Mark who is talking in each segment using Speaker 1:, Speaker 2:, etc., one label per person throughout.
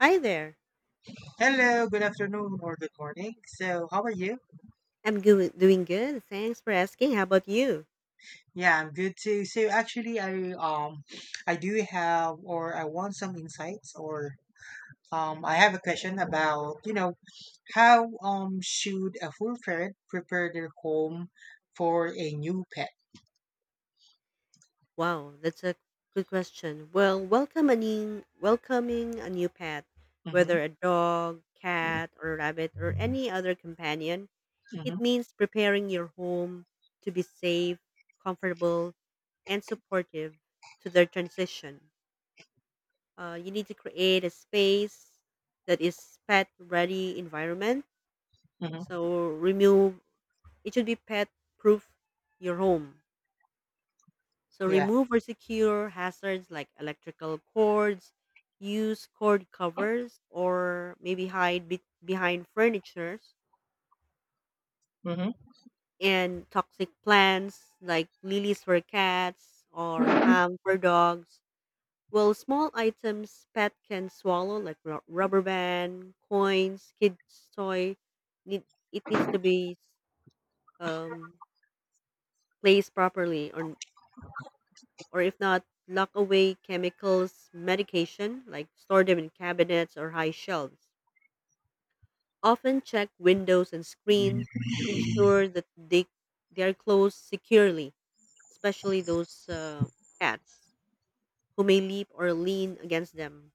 Speaker 1: Hi there.
Speaker 2: Hello, good afternoon or good morning. So, how are you?
Speaker 1: Doing good. Thanks for asking. How about you?
Speaker 2: Yeah, I'm good too. So actually, I do have or I want some insights or I have a question about how should a full parent prepare their home for a new pet?
Speaker 1: Wow, that's a good question. Well, welcoming a new pet,
Speaker 2: Mm-hmm.
Speaker 1: whether a dog, cat, or rabbit, or any other companion, it
Speaker 2: Mm-hmm.
Speaker 1: means preparing your home to be safe, comfortable, and supportive to their transition. You need to create a space that is pet ready environment.
Speaker 2: Mm-hmm.
Speaker 1: So remove it should be pet proof your home. So
Speaker 2: Yeah.
Speaker 1: remove or secure hazards like electrical cords, use cord covers, or maybe hide behind furnitures
Speaker 2: Mm-hmm.
Speaker 1: and toxic plants like lilies for cats or palm for dogs. Well, small items pet can swallow like rubber band, coins, kids toy, need, it needs to be um, placed properly on, or if not, lock away chemicals, medication, like store them in cabinets or high shelves. Often check windows and screen, ensure that they are closed securely, especially those cats who may leap or lean against them.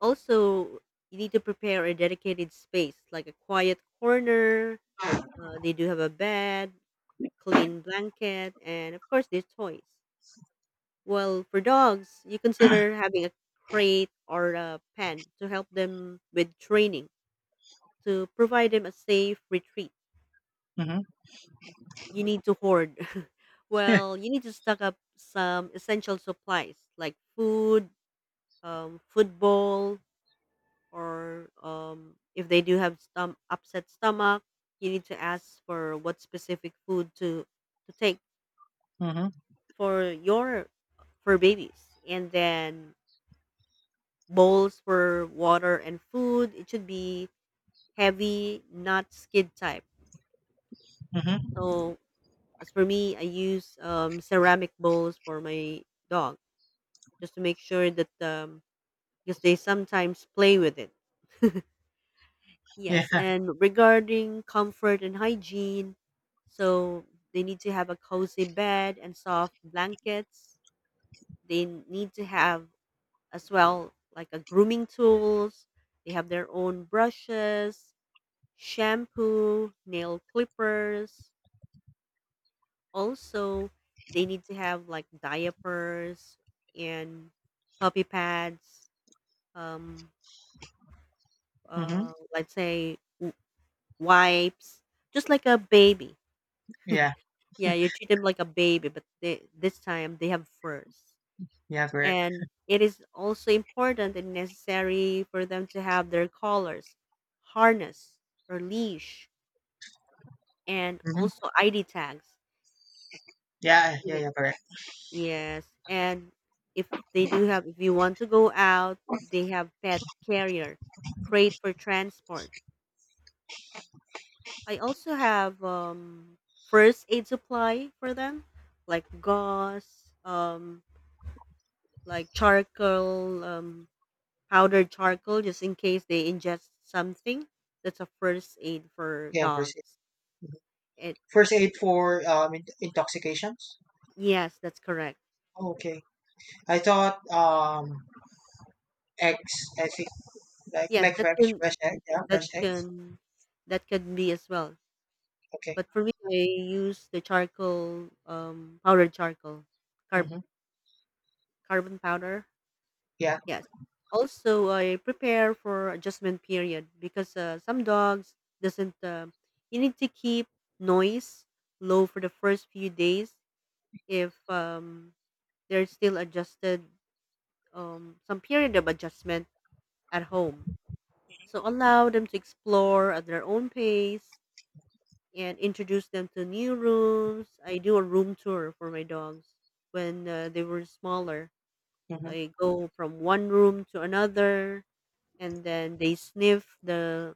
Speaker 1: Also, you need to prepare a dedicated space, like a quiet corner. They do have a bed, clean blanket, and of course, their toys. Well, for dogs, you consider having a crate or a pen to help them with training, to provide them a safe retreat.
Speaker 2: Mm-hmm.
Speaker 1: You need to hoard. Well, you need to stock up some essential supplies like food, football, or if they do have upset stomach, you need to ask for what specific food to take
Speaker 2: Mm-hmm.
Speaker 1: for your for babies. And then bowls for water and food. It should be heavy, not skid type.
Speaker 2: Mm-hmm.
Speaker 1: So as for me, I use ceramic bowls for my dog just to make sure that because they sometimes play with it.
Speaker 2: Yeah.
Speaker 1: Yes, and regarding comfort and hygiene, so they need to have a cozy bed and soft blankets. They need to have as well like a grooming tools. They have their own brushes, shampoo, nail clippers. Also, they need to have like diapers and puppy pads. Um,
Speaker 2: Mm-hmm.
Speaker 1: let's say wipes, just like a baby.
Speaker 2: Yeah.
Speaker 1: Yeah, you treat them like a baby, but this time they have furs.
Speaker 2: Yeah. Correct.
Speaker 1: And it is also important and necessary for them to have their collars, harness, or leash, and
Speaker 2: Mm-hmm.
Speaker 1: also ID tags.
Speaker 2: Yeah. Yeah. Yeah. Correct.
Speaker 1: Yes, and if they do have, if you want to go out, they have pet carrier, crate for transport. I also have first aid supply for them, like gauze, like charcoal, powdered charcoal, just in case they ingest something. That's a first aid for
Speaker 2: Yeah. Of course.
Speaker 1: dogs. It
Speaker 2: First aid for intoxications.
Speaker 1: yes, that's correct.
Speaker 2: Oh, okay. I thought eggs. I think like
Speaker 1: Yes, that can
Speaker 2: fresh egg. Yeah,
Speaker 1: that
Speaker 2: fresh eggs.
Speaker 1: can that can be as well.
Speaker 2: Okay.
Speaker 1: But for me, I use the charcoal, powdered charcoal, carb
Speaker 2: Mm-hmm.
Speaker 1: carbon powder.
Speaker 2: Yeah.
Speaker 1: Yes. Also, I prepare for adjustment period because some dogs doesn't. You need to keep noise low for the first few days if they're still adjusted. Some period of adjustment at home. So allow them to explore at their own pace and introduce them to new rooms. I do a room tour for my dogs when they were smaller.
Speaker 2: Mm-hmm.
Speaker 1: I go from one room to another, and then they sniff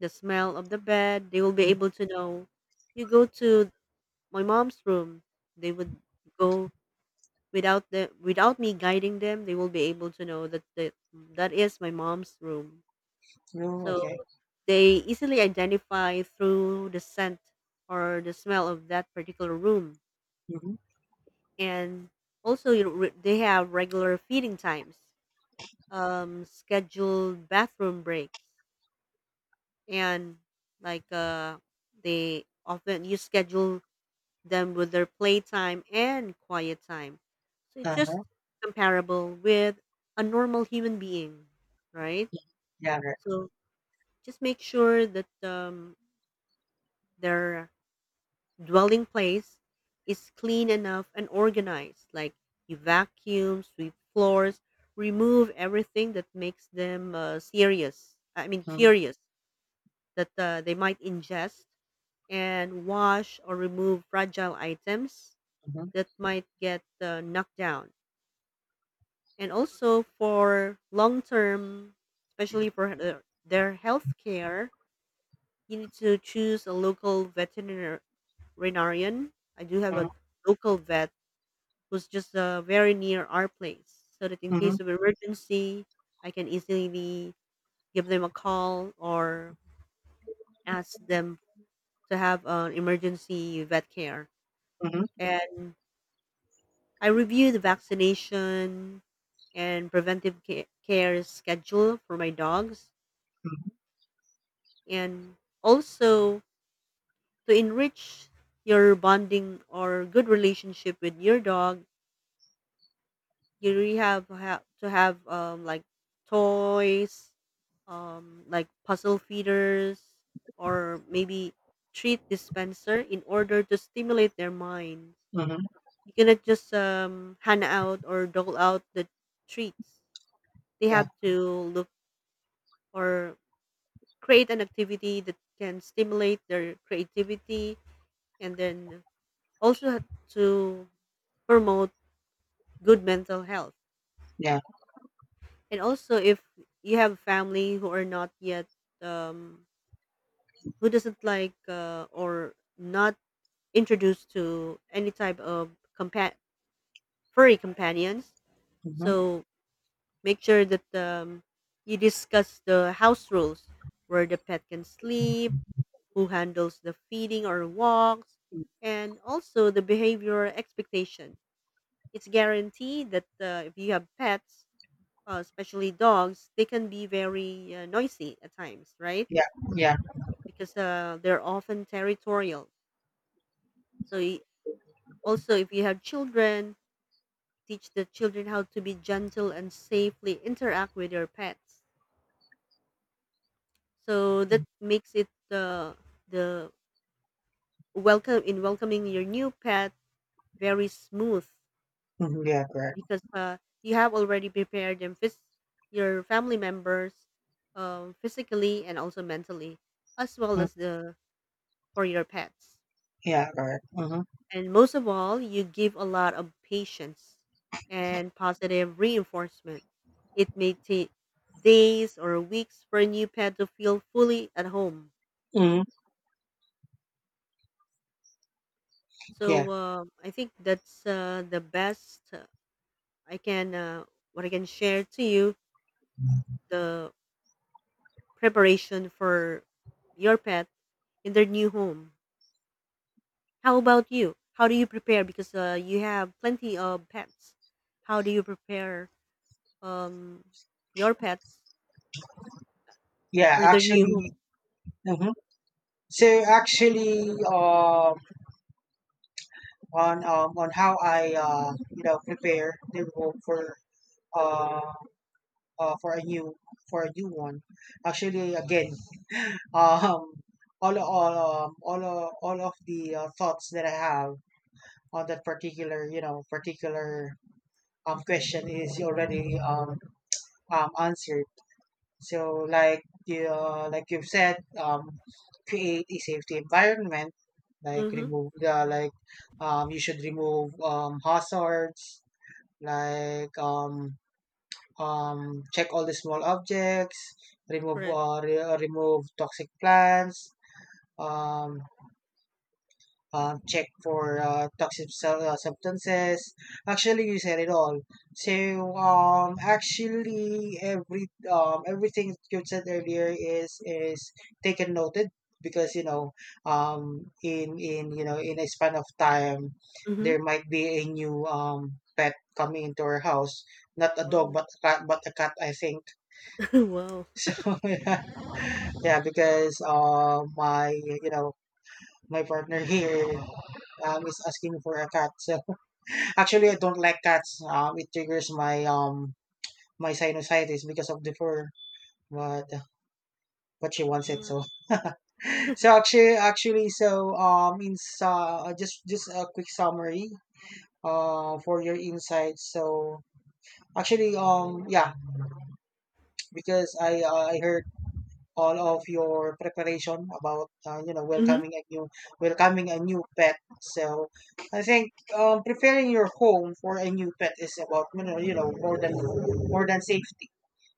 Speaker 1: the smell of the bed. They will be
Speaker 2: Mm-hmm.
Speaker 1: able to know. You go to my mom's room. They would go without me guiding them. They will be able to know that that is my mom's room.
Speaker 2: No. Okay.
Speaker 1: So they easily identify through the scent or the smell of that particular room.
Speaker 2: Mm-hmm.
Speaker 1: And also, you know, they have regular feeding times, scheduled bathroom breaks, and like they often you schedule them with their playtime and quiet time. So it's
Speaker 2: Uh
Speaker 1: just
Speaker 2: huh.
Speaker 1: comparable with a normal human being, right?
Speaker 2: Yeah. Right.
Speaker 1: So just make sure that they're dwelling place is clean enough and organized. Like you vacuum, sweep floors, remove everything that makes them serious. I mean,
Speaker 2: Mm-hmm.
Speaker 1: curious that they might ingest and wash or remove fragile items that might get knocked down. And also for long term, especially for their health care, you need to choose a local veterinarian. I do have
Speaker 2: Mm-hmm.
Speaker 1: a local vet who's just very near our place so that in
Speaker 2: Mm-hmm. Mm-hmm.
Speaker 1: case of emergency I can easily give them a call or ask them to have an emergency vet care,
Speaker 2: Mm-hmm.
Speaker 1: and I review the vaccination and preventive care schedule for my dogs,
Speaker 2: Mm-hmm.
Speaker 1: and also to enrich your bonding or good relationship with your dog. You really to have like toys, like puzzle feeders, or maybe treat dispenser in order to stimulate their minds.
Speaker 2: Mm-hmm.
Speaker 1: You cannot just hand out or dole out the treats. They
Speaker 2: Yeah.
Speaker 1: have to look or create an activity that can stimulate their creativity, and then also have to promote good mental health.
Speaker 2: Yeah.
Speaker 1: And also, if you have family who are not yet, um, who doesn't like or not introduced to any type of compa- furry companions,
Speaker 2: Mm-hmm.
Speaker 1: so make sure that you discuss the house rules where the pet can sleep, who handles the feeding or walks, and also the behavioral expectation. It's guaranteed that if you have pets, especially dogs, they can be very noisy at times, right?
Speaker 2: Yeah. Yeah.
Speaker 1: Because they're often territorial. So also, if you have children, teach the children how to be gentle and safely interact with your pets. So that makes it the welcome in welcoming your new pet very smooth
Speaker 2: Mm-hmm. Yeah. Correct.
Speaker 1: because you have already prepared your family members physically and also mentally as well
Speaker 2: Mm.
Speaker 1: as the for your pets.
Speaker 2: Yeah. Correct. Mm-hmm.
Speaker 1: And most of all, you give a lot of patience and positive reinforcement. It may take days or weeks for a new pet to feel fully at home.
Speaker 2: Mm-hmm. Yeah.
Speaker 1: So I think that's the best I can what I can share to you the preparation for your pet in their new home. How about you? How do you prepare? Because you have plenty of pets. How do you prepare um, your pets
Speaker 2: Yeah.
Speaker 1: for their new
Speaker 2: Actually.
Speaker 1: home?
Speaker 2: Mm-hmm. So actually, on how I prepare the room for uh, uh for a new for a new one. Actually, again, um, all of the thoughts that I have on that particular you know particular question is already answered. So like you've said, create a safety environment. Like
Speaker 1: Mhm,
Speaker 2: remove the like you should remove hazards like check all the small objects, remove
Speaker 1: correct.
Speaker 2: remove toxic plants, um, check for substances. Actually, you said it all. So, actually, everything you said earlier is taken noted because in a span of time,
Speaker 1: Mhm.
Speaker 2: there might be a new pet coming into our house. Not a dog,
Speaker 1: Wow.
Speaker 2: but a cat, I think.
Speaker 1: Wow.
Speaker 2: So yeah, yeah, because my you know my partner here is asking for a cat. So actually, I don't like cats. It triggers my sinusitis because of the fur, but she wants it. So
Speaker 1: Ah,
Speaker 2: actually, so in just a quick summary for your insights. So actually, yeah, because I heard all of your preparation about
Speaker 1: mhm,
Speaker 2: welcoming a new pet. So I think preparing your home for a new pet is about more than safety.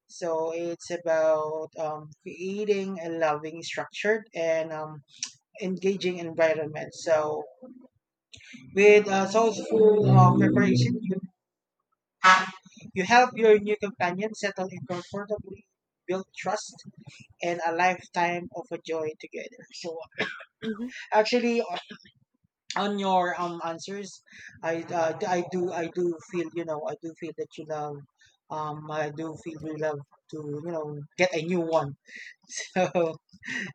Speaker 2: So it's about creating a loving, structured, and engaging environment. So with thoughtful preparation, you help your new companion settle in comfortably, build trust, and a lifetime of a joy together. So
Speaker 1: mhm.
Speaker 2: actually, on your answers, I do feel I do feel that you love I do feel you love to get a new one. So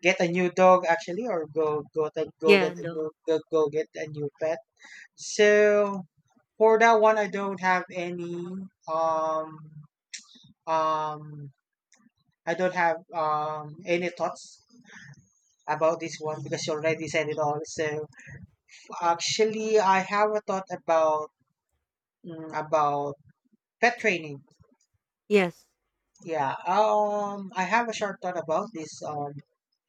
Speaker 2: get a new dog actually, or go go
Speaker 1: Yeah,
Speaker 2: get a
Speaker 1: no.
Speaker 2: new go, go get a new pet. So for that one, I don't have any um um I don't have any thoughts about this one because you already said it all. So actually, I have a thought about about pet training.
Speaker 1: Yes.
Speaker 2: Yeah, I have a short thought about this.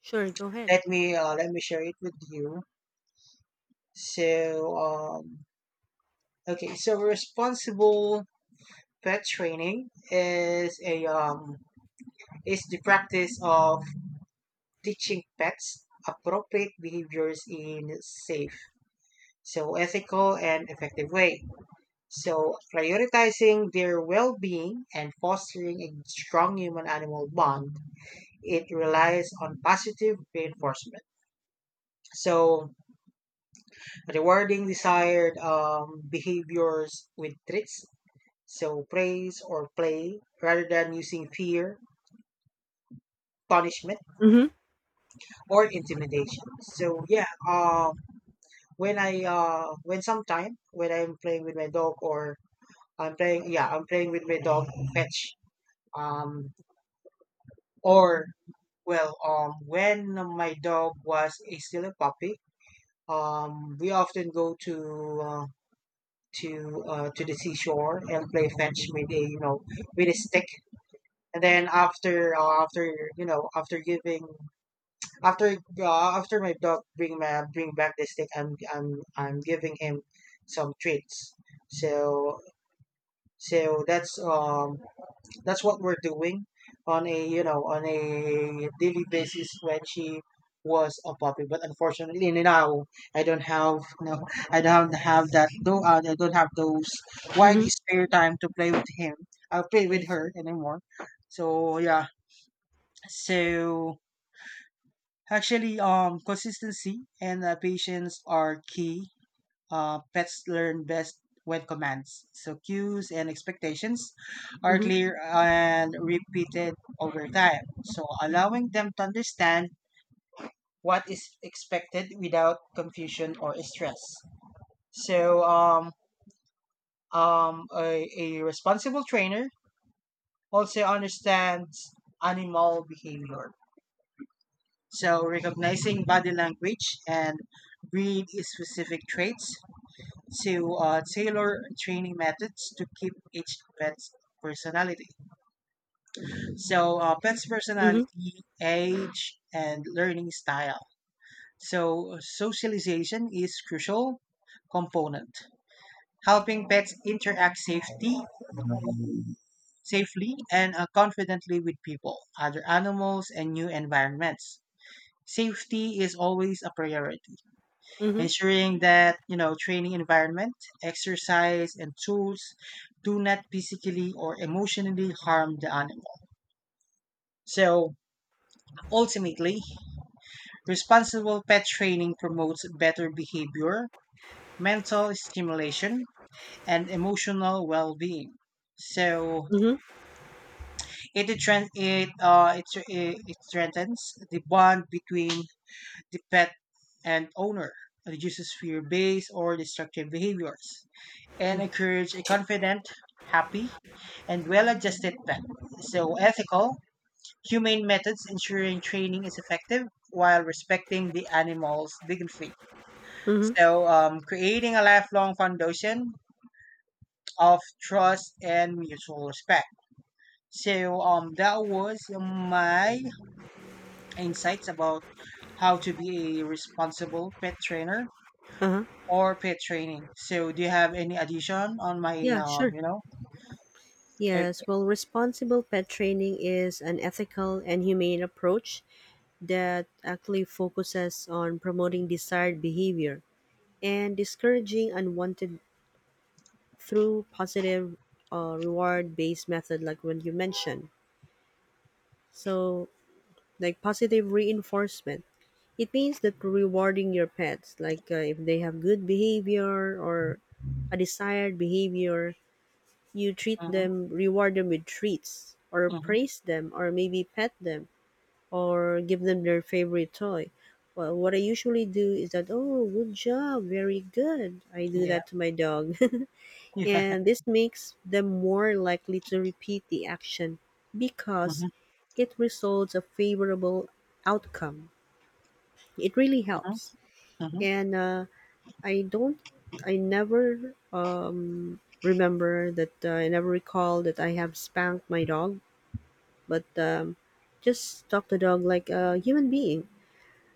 Speaker 1: Sure, go ahead.
Speaker 2: Let me share it with you. So, okay, so responsible pet training is a is the practice of teaching pets appropriate behaviors in safe, so ethical and effective way. So prioritizing their well-being and fostering a strong human-animal bond, it relies on positive reinforcement. So, rewarding desired behaviors with treats, so praise or play, rather than using fear, punishment,
Speaker 1: Mhm,
Speaker 2: or intimidation. So, yeah, when I'm playing with my dog or I'm playing, yeah, I'm playing with my dog fetch, um, or well, when my dog was a, still a puppy, we often go to the seashore and play fetch with a stick, and then after you know after giving after after my dog bring back the stick, I'm giving him some treats. So so that's um that's what we're doing on a on a daily basis when she was a puppy, but unfortunately, now i don't have no I don't have that though I don't have those wide
Speaker 1: mhm.
Speaker 2: spare time to play with him. I'll play
Speaker 1: I
Speaker 2: with her
Speaker 1: see.
Speaker 2: anymore. So yeah, so actually consistency and patience are key. Pets learn best when commands, so cues and expectations, are
Speaker 1: Mhm,
Speaker 2: clear and repeated over time, so allowing them to understand what is expected without confusion or stress. So a responsible trainer also understands animal behavior. So recognizing body language and breed specific traits to tailor training methods to keep each pet's personality. So, pet's
Speaker 1: mhm,
Speaker 2: personality, age, and learning style. So, socialization is crucial component, helping pets interact safely and confidently with people, other animals, and new environments. Safety is always a priority,
Speaker 1: mhm,
Speaker 2: ensuring that training environment, exercise, and tools do not physically or emotionally harm the animal. So ultimately, responsible pet training promotes better behavior, mental stimulation, and emotional well-being. So
Speaker 1: mhm,
Speaker 2: it trend it it, it, it strengthens the bond between the pet and owner, reduces fear-based or destructive behaviors, and
Speaker 1: mm,
Speaker 2: encourage a confident, happy, and well adjusted pet. So, ethical, humane methods ensuring training is effective while respecting the animal's dignity.
Speaker 1: mhm.
Speaker 2: So, creating a lifelong foundation of trust and mutual respect. So, that was my insights about how to be a responsible pet trainer
Speaker 1: Uh-huh.
Speaker 2: or pet training. So, do you have any addition on my,
Speaker 1: Yeah, sure. Yes,
Speaker 2: Okay.
Speaker 1: well, responsible pet training is an ethical and humane approach that actually focuses on promoting desired behavior and discouraging unwanted through positive reward based method like what you mentioned. So, like positive reinforcement, it means that rewarding your pets, like if they have good behavior or a desired behavior, you treat
Speaker 2: Hmm.
Speaker 1: them, reward them with treats, or
Speaker 2: Hmm.
Speaker 1: praise them, or maybe pet them, or give them their favorite toy. Well, what I usually do is that, oh, good job, very good. I do
Speaker 2: Yeah.
Speaker 1: that to my dog. And this makes them more likely to repeat the action because
Speaker 2: Mhm.
Speaker 1: it results a favorable outcome. It really
Speaker 2: Mhm.
Speaker 1: helps,
Speaker 2: Mhm.
Speaker 1: and I don't, I never remember that I never recall that I have spanked my dog, but just talk to dog like a human being.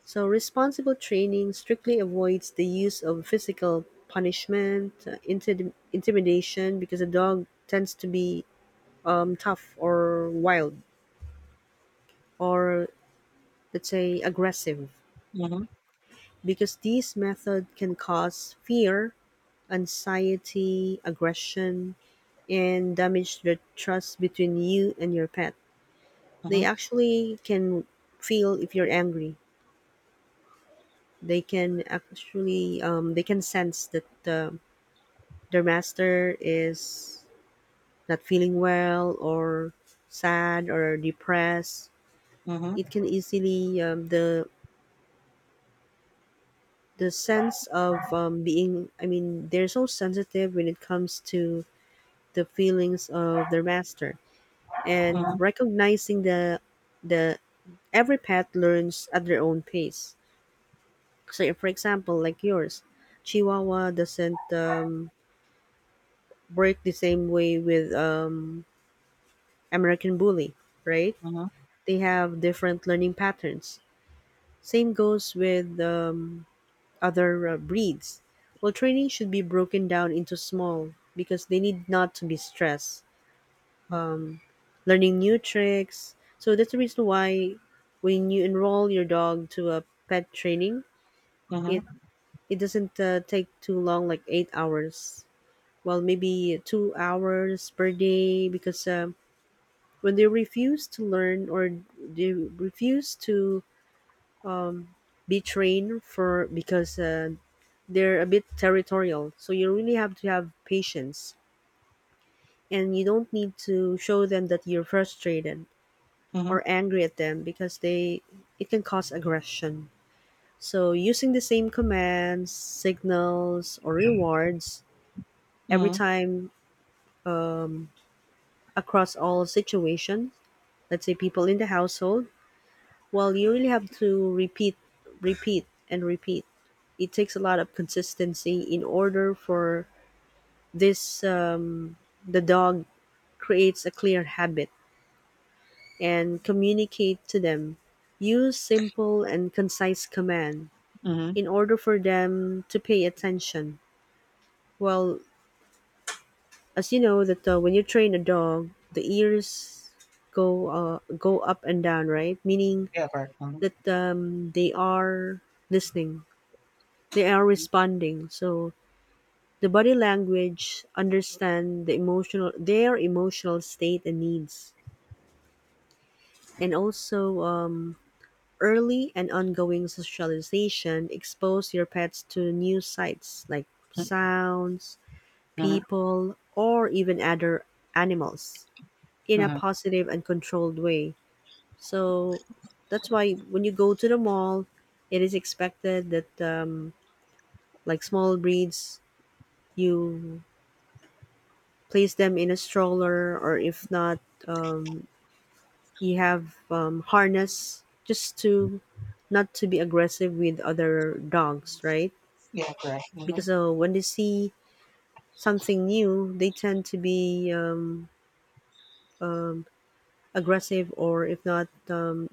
Speaker 1: So responsible training strictly avoids the use of physical punishment, intimidation, because a dog tends to be tough or wild or let's say aggressive
Speaker 2: Mhm.
Speaker 1: because these method can cause fear, anxiety, aggression, and damage the trust between you and your pet. They
Speaker 2: Mhm.
Speaker 1: actually can feel if you're angry. They can actually they can sense that their master is not feeling well or sad or depressed.
Speaker 2: Mhm.
Speaker 1: It
Speaker 2: Mhm.
Speaker 1: can easily the sense of being I mean they're so sensitive when it comes to the feelings of their master and recognizing the every pet learns at their own pace. So if, for example like yours, chihuahua doesn't work the same way with american bully, right?
Speaker 2: Mhm.
Speaker 1: They have different learning patterns. Same goes with other breeds. Well, training should be broken down into small because they need not to be stressed. Learning new tricks. So that's the reason why when you enroll your dog to a pet training, it
Speaker 2: Mhm.
Speaker 1: it doesn't take too long, like 8 hours. Well, maybe 2 hours per day because when they refuse to learn or they refuse to be trained for because they're a bit territorial. So you really have to have patience and you don't need to show them that you're frustrated
Speaker 2: Mhm.
Speaker 1: or angry at them because they it can cause aggression. So using the same commands, signals, or rewards every
Speaker 2: Mhm.
Speaker 1: time um, across all situations, let's say people in the household. Well, you really have to repeat repeat and repeat. It takes a lot of consistency in order for this the dog creates a clear habit and communicate to them. Use simple and concise command
Speaker 2: Mhm.
Speaker 1: in order for them to pay attention. Well, as you know that when you train a dog, the ears go up and down, right? Meaning
Speaker 2: Yeah, correct. Mhm.
Speaker 1: that they are listening, they are responding. So the body language understand the emotional their emotional state and needs, and also early and ongoing socialization expose your pets to new sights like
Speaker 2: Mhm.
Speaker 1: sounds,
Speaker 2: Mhm.
Speaker 1: people, or even other animals in a
Speaker 2: Mhm.
Speaker 1: positive and controlled way. So that's why when you go to the mall, it is expected that like small breeds, you place them in a stroller, or if not, um, you have harness just to not to be aggressive with other dogs, right?
Speaker 2: Yeah, correct. Mhm.
Speaker 1: Because when they see something new, they tend to be aggressive, or if not,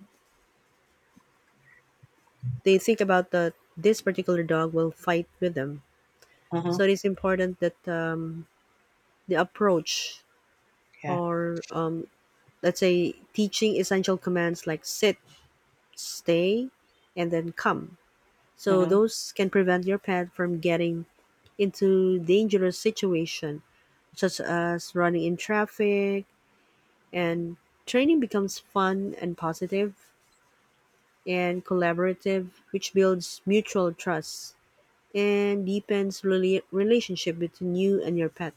Speaker 1: they think about that this particular dog will fight with them.
Speaker 2: Mhm.
Speaker 1: So it is important that the approach,
Speaker 2: Yeah.
Speaker 1: or let's say, teaching essential commands like sit, stay, and then come. So
Speaker 2: Mhm.
Speaker 1: those can prevent your pet from getting into dangerous situation such as running in traffic and training becomes fun and positive and collaborative, which builds mutual trust and deepens relationship between you and your pet.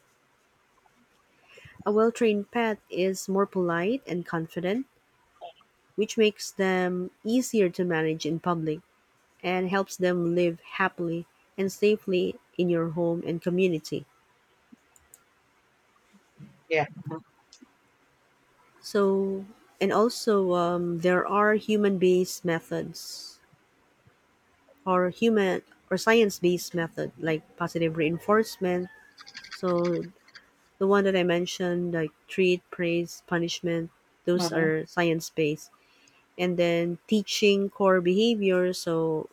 Speaker 1: A well-trained pet is more polite and confident, which makes them easier to manage in public and helps them live happily and safely in your home and community.
Speaker 2: Yeah.
Speaker 1: So and also there are human-based methods or human or science-based method like positive reinforcement. So the one that I mentioned like treat praise punishment,
Speaker 2: Mhm.
Speaker 1: those
Speaker 2: Mhm.
Speaker 1: are science-based. And then teaching core behavior. So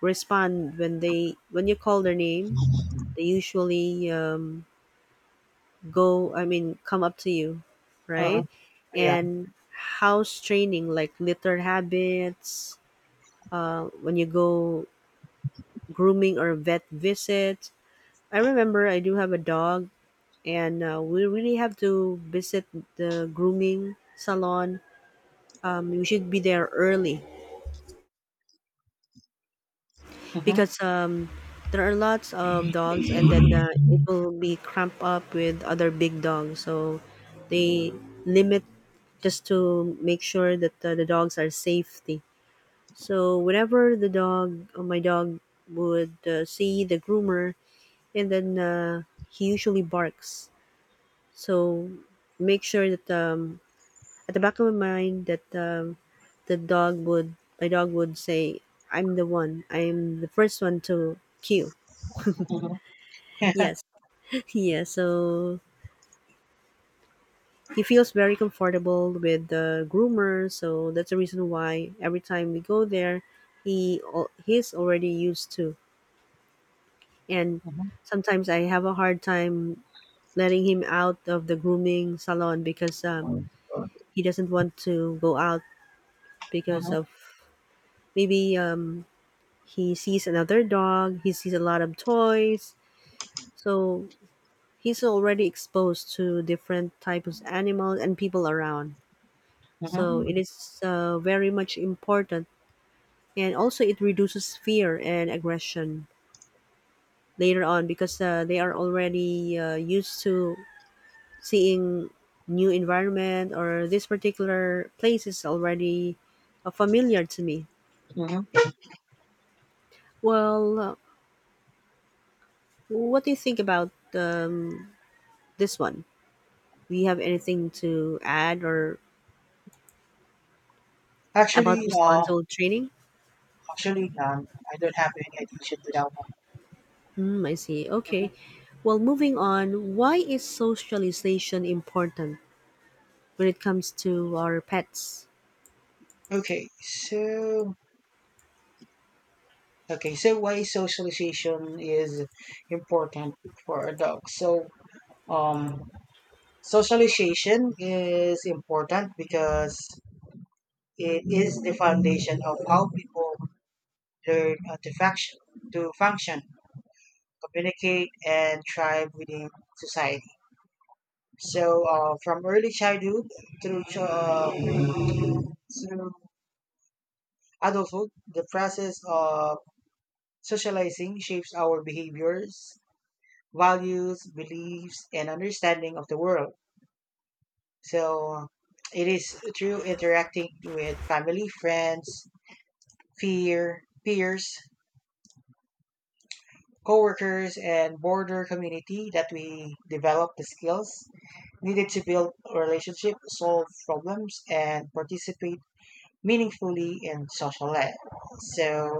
Speaker 1: respond when they when you call their name, they usually go I mean come up to you,
Speaker 2: Mhm.
Speaker 1: right?
Speaker 2: Yeah.
Speaker 1: And house training like litter habits. When you go grooming or vet visit, I remember I do have a dog, and we really have to visit the grooming salon. You should be there early
Speaker 2: Mhm.
Speaker 1: because there are lots of dogs, and then it will be cramped up with other big dogs. So they limit just to make sure that the dogs are safety. So whenever the dog, or my dog, would see the groomer, and then he usually barks. So make sure that at the back of my mind that the dog would my dog would say, "I'm the one. I'm the first one to cue."
Speaker 2: Mhm.
Speaker 1: Yes, yeah. So he feels very comfortable with the groomer. So that's the reason why every time we go there, he's already used to. And
Speaker 2: Mhm.
Speaker 1: sometimes I have a hard time letting him out of the grooming salon because he doesn't want to go out because
Speaker 2: Mhm.
Speaker 1: of. Maybe he sees another dog, he sees a lot of toys. So he's already exposed to different types of animals and people around. So it
Speaker 2: Mhm.
Speaker 1: is very much important. And also, it reduces fear and aggression later on because they are already used to seeing new environment or this particular place is already familiar to me.
Speaker 2: Mhm.
Speaker 1: Well, what do you think about this one? We have anything to add or about
Speaker 2: Actually, uh,
Speaker 1: responsible training?
Speaker 2: actually, I don't have any addition to that one.
Speaker 1: Hmm, I see. Okay. Well, moving on, why is socialization important when it comes to our pets?
Speaker 2: Okay, so why socialization is important for adults? So, um, socialization is important because it is the foundation of how people learn to function, communicate, and thrive within society. So, from early childhood through adulthood, the process of socializing shapes our behaviors, values, beliefs, and understanding of the world. So, it is through interacting with family, friends, peers, co-workers, and border community that we develop the skills needed to build relationships, solve problems, and participate meaningfully in social life. So,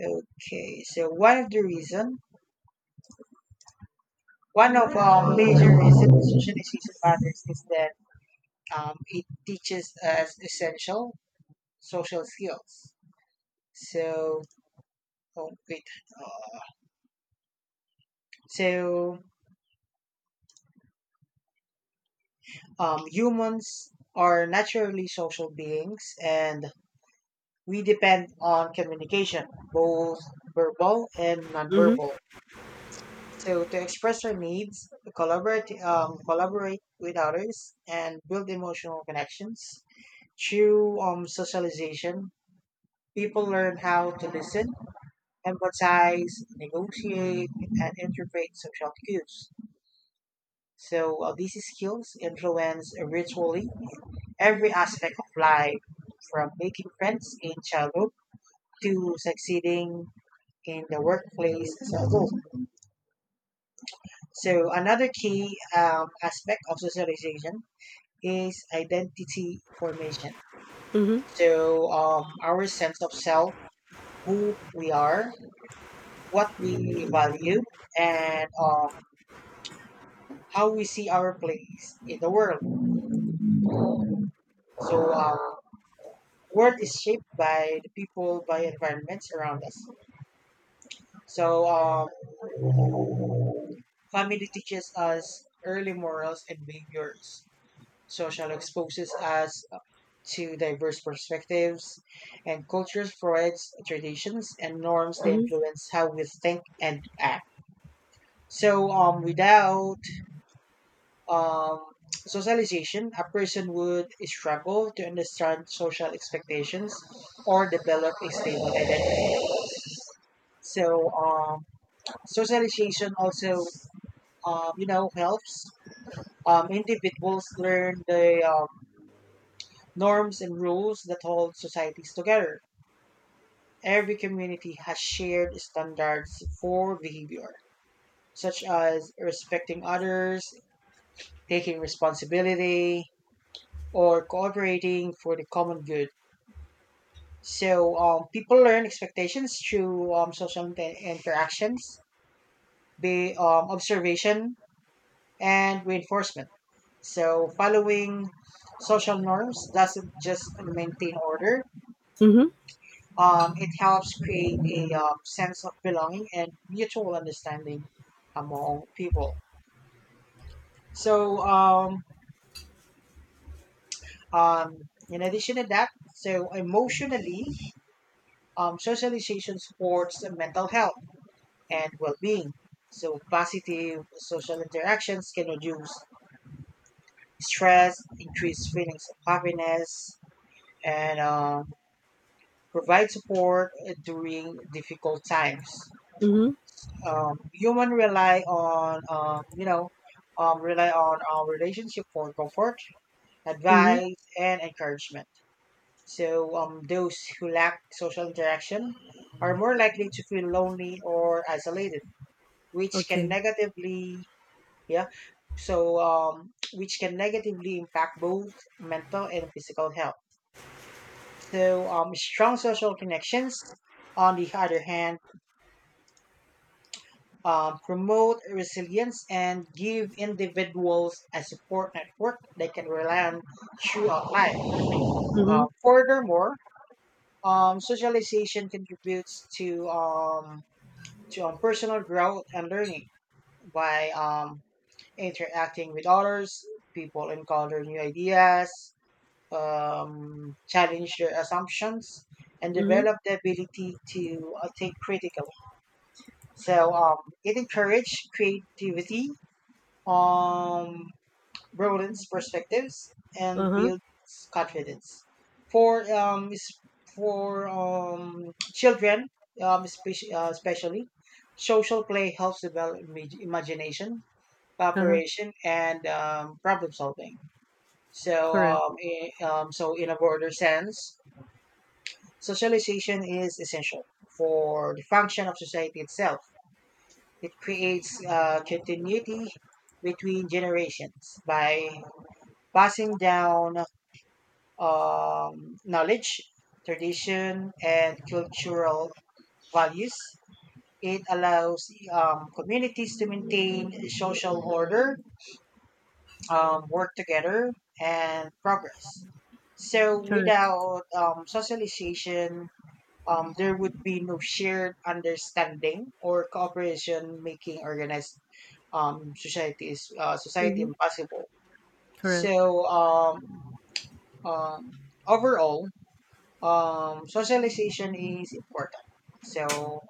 Speaker 2: okay, so one of our major reasons socialization matters is that it teaches us essential social skills. So, oh, wait. uh, So, humans are naturally social beings, and we depend on communication, both verbal and nonverbal.
Speaker 1: Mm-hmm.
Speaker 2: So, to express our needs, collaborate with others, and build emotional connections. Through socialization, people learn how to listen, empathize, negotiate, and interpret social cues. So these skills influence virtually every aspect of life, from making friends in childhood to succeeding in the workplace as a whole. So another key aspect of socialization is identity formation.
Speaker 1: Mm-hmm.
Speaker 2: So our sense of self, who we are, what we value, and how we see our place in the world. So world is shaped by the people, by environments around us. So, family teaches us early morals and behaviors. Social exposes us to diverse perspectives, and cultures provides traditions and norms that
Speaker 1: Mm-hmm.
Speaker 2: influence how we think and act. So, without um, socialization, a person would struggle to understand social expectations or develop a stable identity. So, socialization also helps individuals learn the norms and rules that hold societies together. Every community has shared standards for behavior, such as respecting others, taking responsibility, or cooperating for the common good. So people learn expectations through interactions, be observation, and reinforcement. So following social norms doesn't just maintain order.
Speaker 1: Mm-hmm.
Speaker 2: It helps create a sense of belonging and mutual understanding among people. So um, in addition to that, so emotionally, socialization supports mental health and well-being. So positive social interactions can reduce stress, increase feelings of happiness, and provide support during difficult times.
Speaker 1: Mm-hmm.
Speaker 2: Human rely on rely on our relationship for comfort,
Speaker 1: Mm-hmm.
Speaker 2: advice, and encouragement. So those who lack social interaction are more likely to feel lonely or isolated, which can
Speaker 1: Okay.
Speaker 2: negatively, yeah. So which can negatively impact both mental and physical health. So strong social connections, on the other hand, promote resilience and give individuals a support network they can rely on throughout life.
Speaker 1: Mm-hmm.
Speaker 2: Furthermore, socialization contributes to personal growth and learning by interacting with others. People encounter new ideas, challenge their assumptions, and
Speaker 1: Mm-hmm.
Speaker 2: develop the ability to think critically. So it encourages creativity, um, broadens perspectives, and
Speaker 1: Uh-huh.
Speaker 2: builds confidence. For um, is- for children, especially, social play helps develop imagination,
Speaker 1: Uh-huh.
Speaker 2: cooperation, and problem solving. So,
Speaker 1: Correct.
Speaker 2: so in a broader sense, socialization is essential for the function of society itself. It creates continuity between generations by passing down knowledge, tradition, and cultural values. It allows communities to maintain social order, work together, and progress. So,
Speaker 1: Correct.
Speaker 2: without socialization, there would be no shared understanding or cooperation, making organized societies society
Speaker 1: Mm-hmm.
Speaker 2: impossible.
Speaker 1: Correct.
Speaker 2: So, um, overall, socialization is important. So,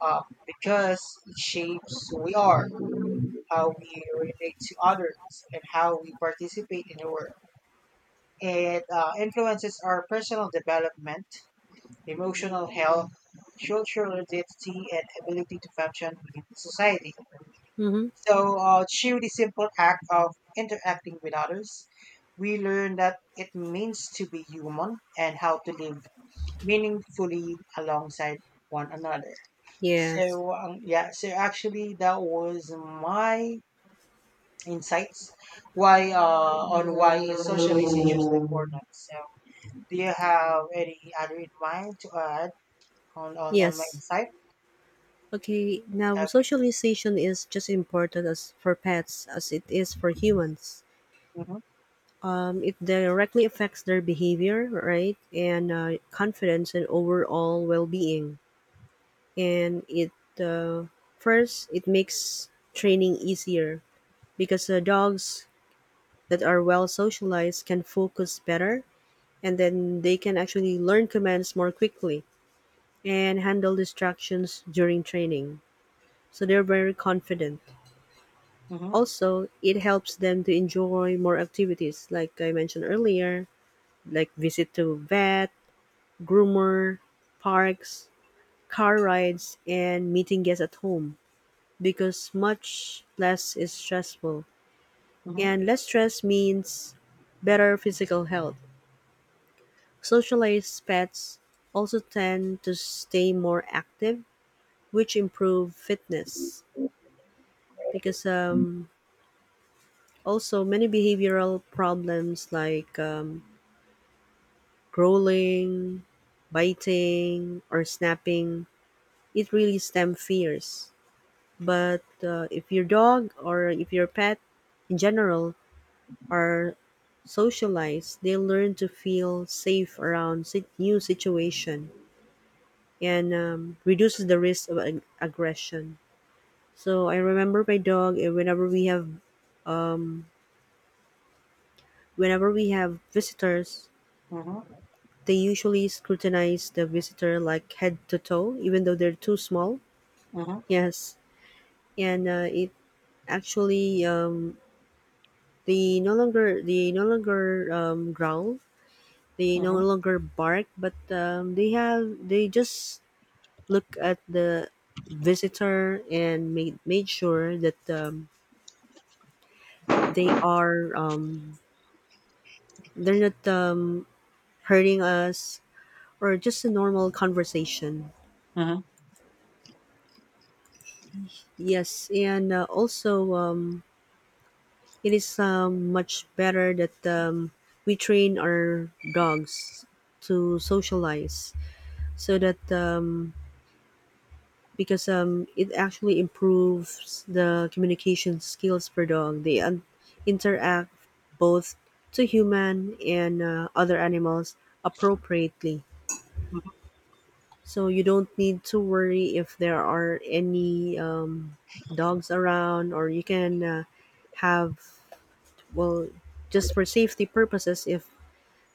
Speaker 2: um, because it shapes who we are, how we relate to others, and how we participate in the world. It influences our personal development, emotional health, cultural identity, and ability to function within society.
Speaker 1: Mm-hmm.
Speaker 2: So, through the simple act of interacting with others, we learn that it means to be human and how to live meaningfully alongside one another.
Speaker 1: Yes.
Speaker 2: So yeah, so actually, that was my insights why on why socialization is important. So do you have any other in mind to add on my
Speaker 1: Yes.
Speaker 2: insight?
Speaker 1: Okay. Now,
Speaker 2: Okay.
Speaker 1: socialization is just important as for pets as it is for humans. It directly affects their behavior, right, and confidence and overall well-being. And it uh, first it makes training easier because dogs that are well socialized can focus better, and then they can actually learn commands more quickly and handle distractions during training. So they're very confident.
Speaker 2: Mm-hmm. Mm-hmm.
Speaker 1: Also, it helps them to enjoy more activities, like I mentioned earlier, like visit to vet, groomer, parks, car rides, and meeting guests at home because much less is stressful. And
Speaker 2: Mm-hmm.
Speaker 1: less stress means better physical health. Socialized pets also tend to stay more active, which improve fitness. Because also many behavioral problems like growling, biting, or snapping, it really stem fears. But if your dog or if your pet in general are socialized, they learn to feel safe around new situation and reduces the risk of aggression. So I remember my dog. Whenever we have, um, visitors, they usually scrutinize the visitor like head to toe, even though they're too small.
Speaker 2: Mm-hmm. Mm-hmm.
Speaker 1: Yes, and it actually they no longer growl. They no
Speaker 2: Mm-hmm.
Speaker 1: longer bark, but they just look at the visitor and made sure that they are they're not hurting us or just a normal conversation.
Speaker 2: Mm-hmm.
Speaker 1: Yes, and also it is much better that we train our dogs to socialize so that because it actually improves the communication skills per dog. Interact both to human and other animals appropriately. So you don't need to worry if there are any dogs around, or you can have, well, just for safety purposes, if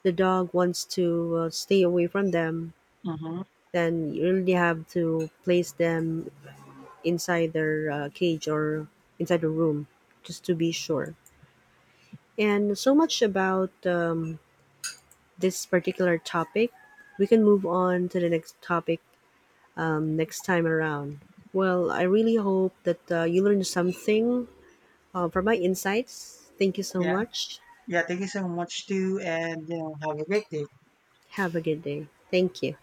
Speaker 1: the dog wants to stay away from them,
Speaker 2: Mm-hmm.
Speaker 1: then you really have to place them inside their cage or inside the room just to be sure. And so much about this particular topic. We can move on to the next topic next time around. Well, I really hope that you learned something from my insights. Thank you so
Speaker 2: Yeah.
Speaker 1: much.
Speaker 2: Yeah. Thank you so much too, and you know have a great day.
Speaker 1: Have a good day. Thank you.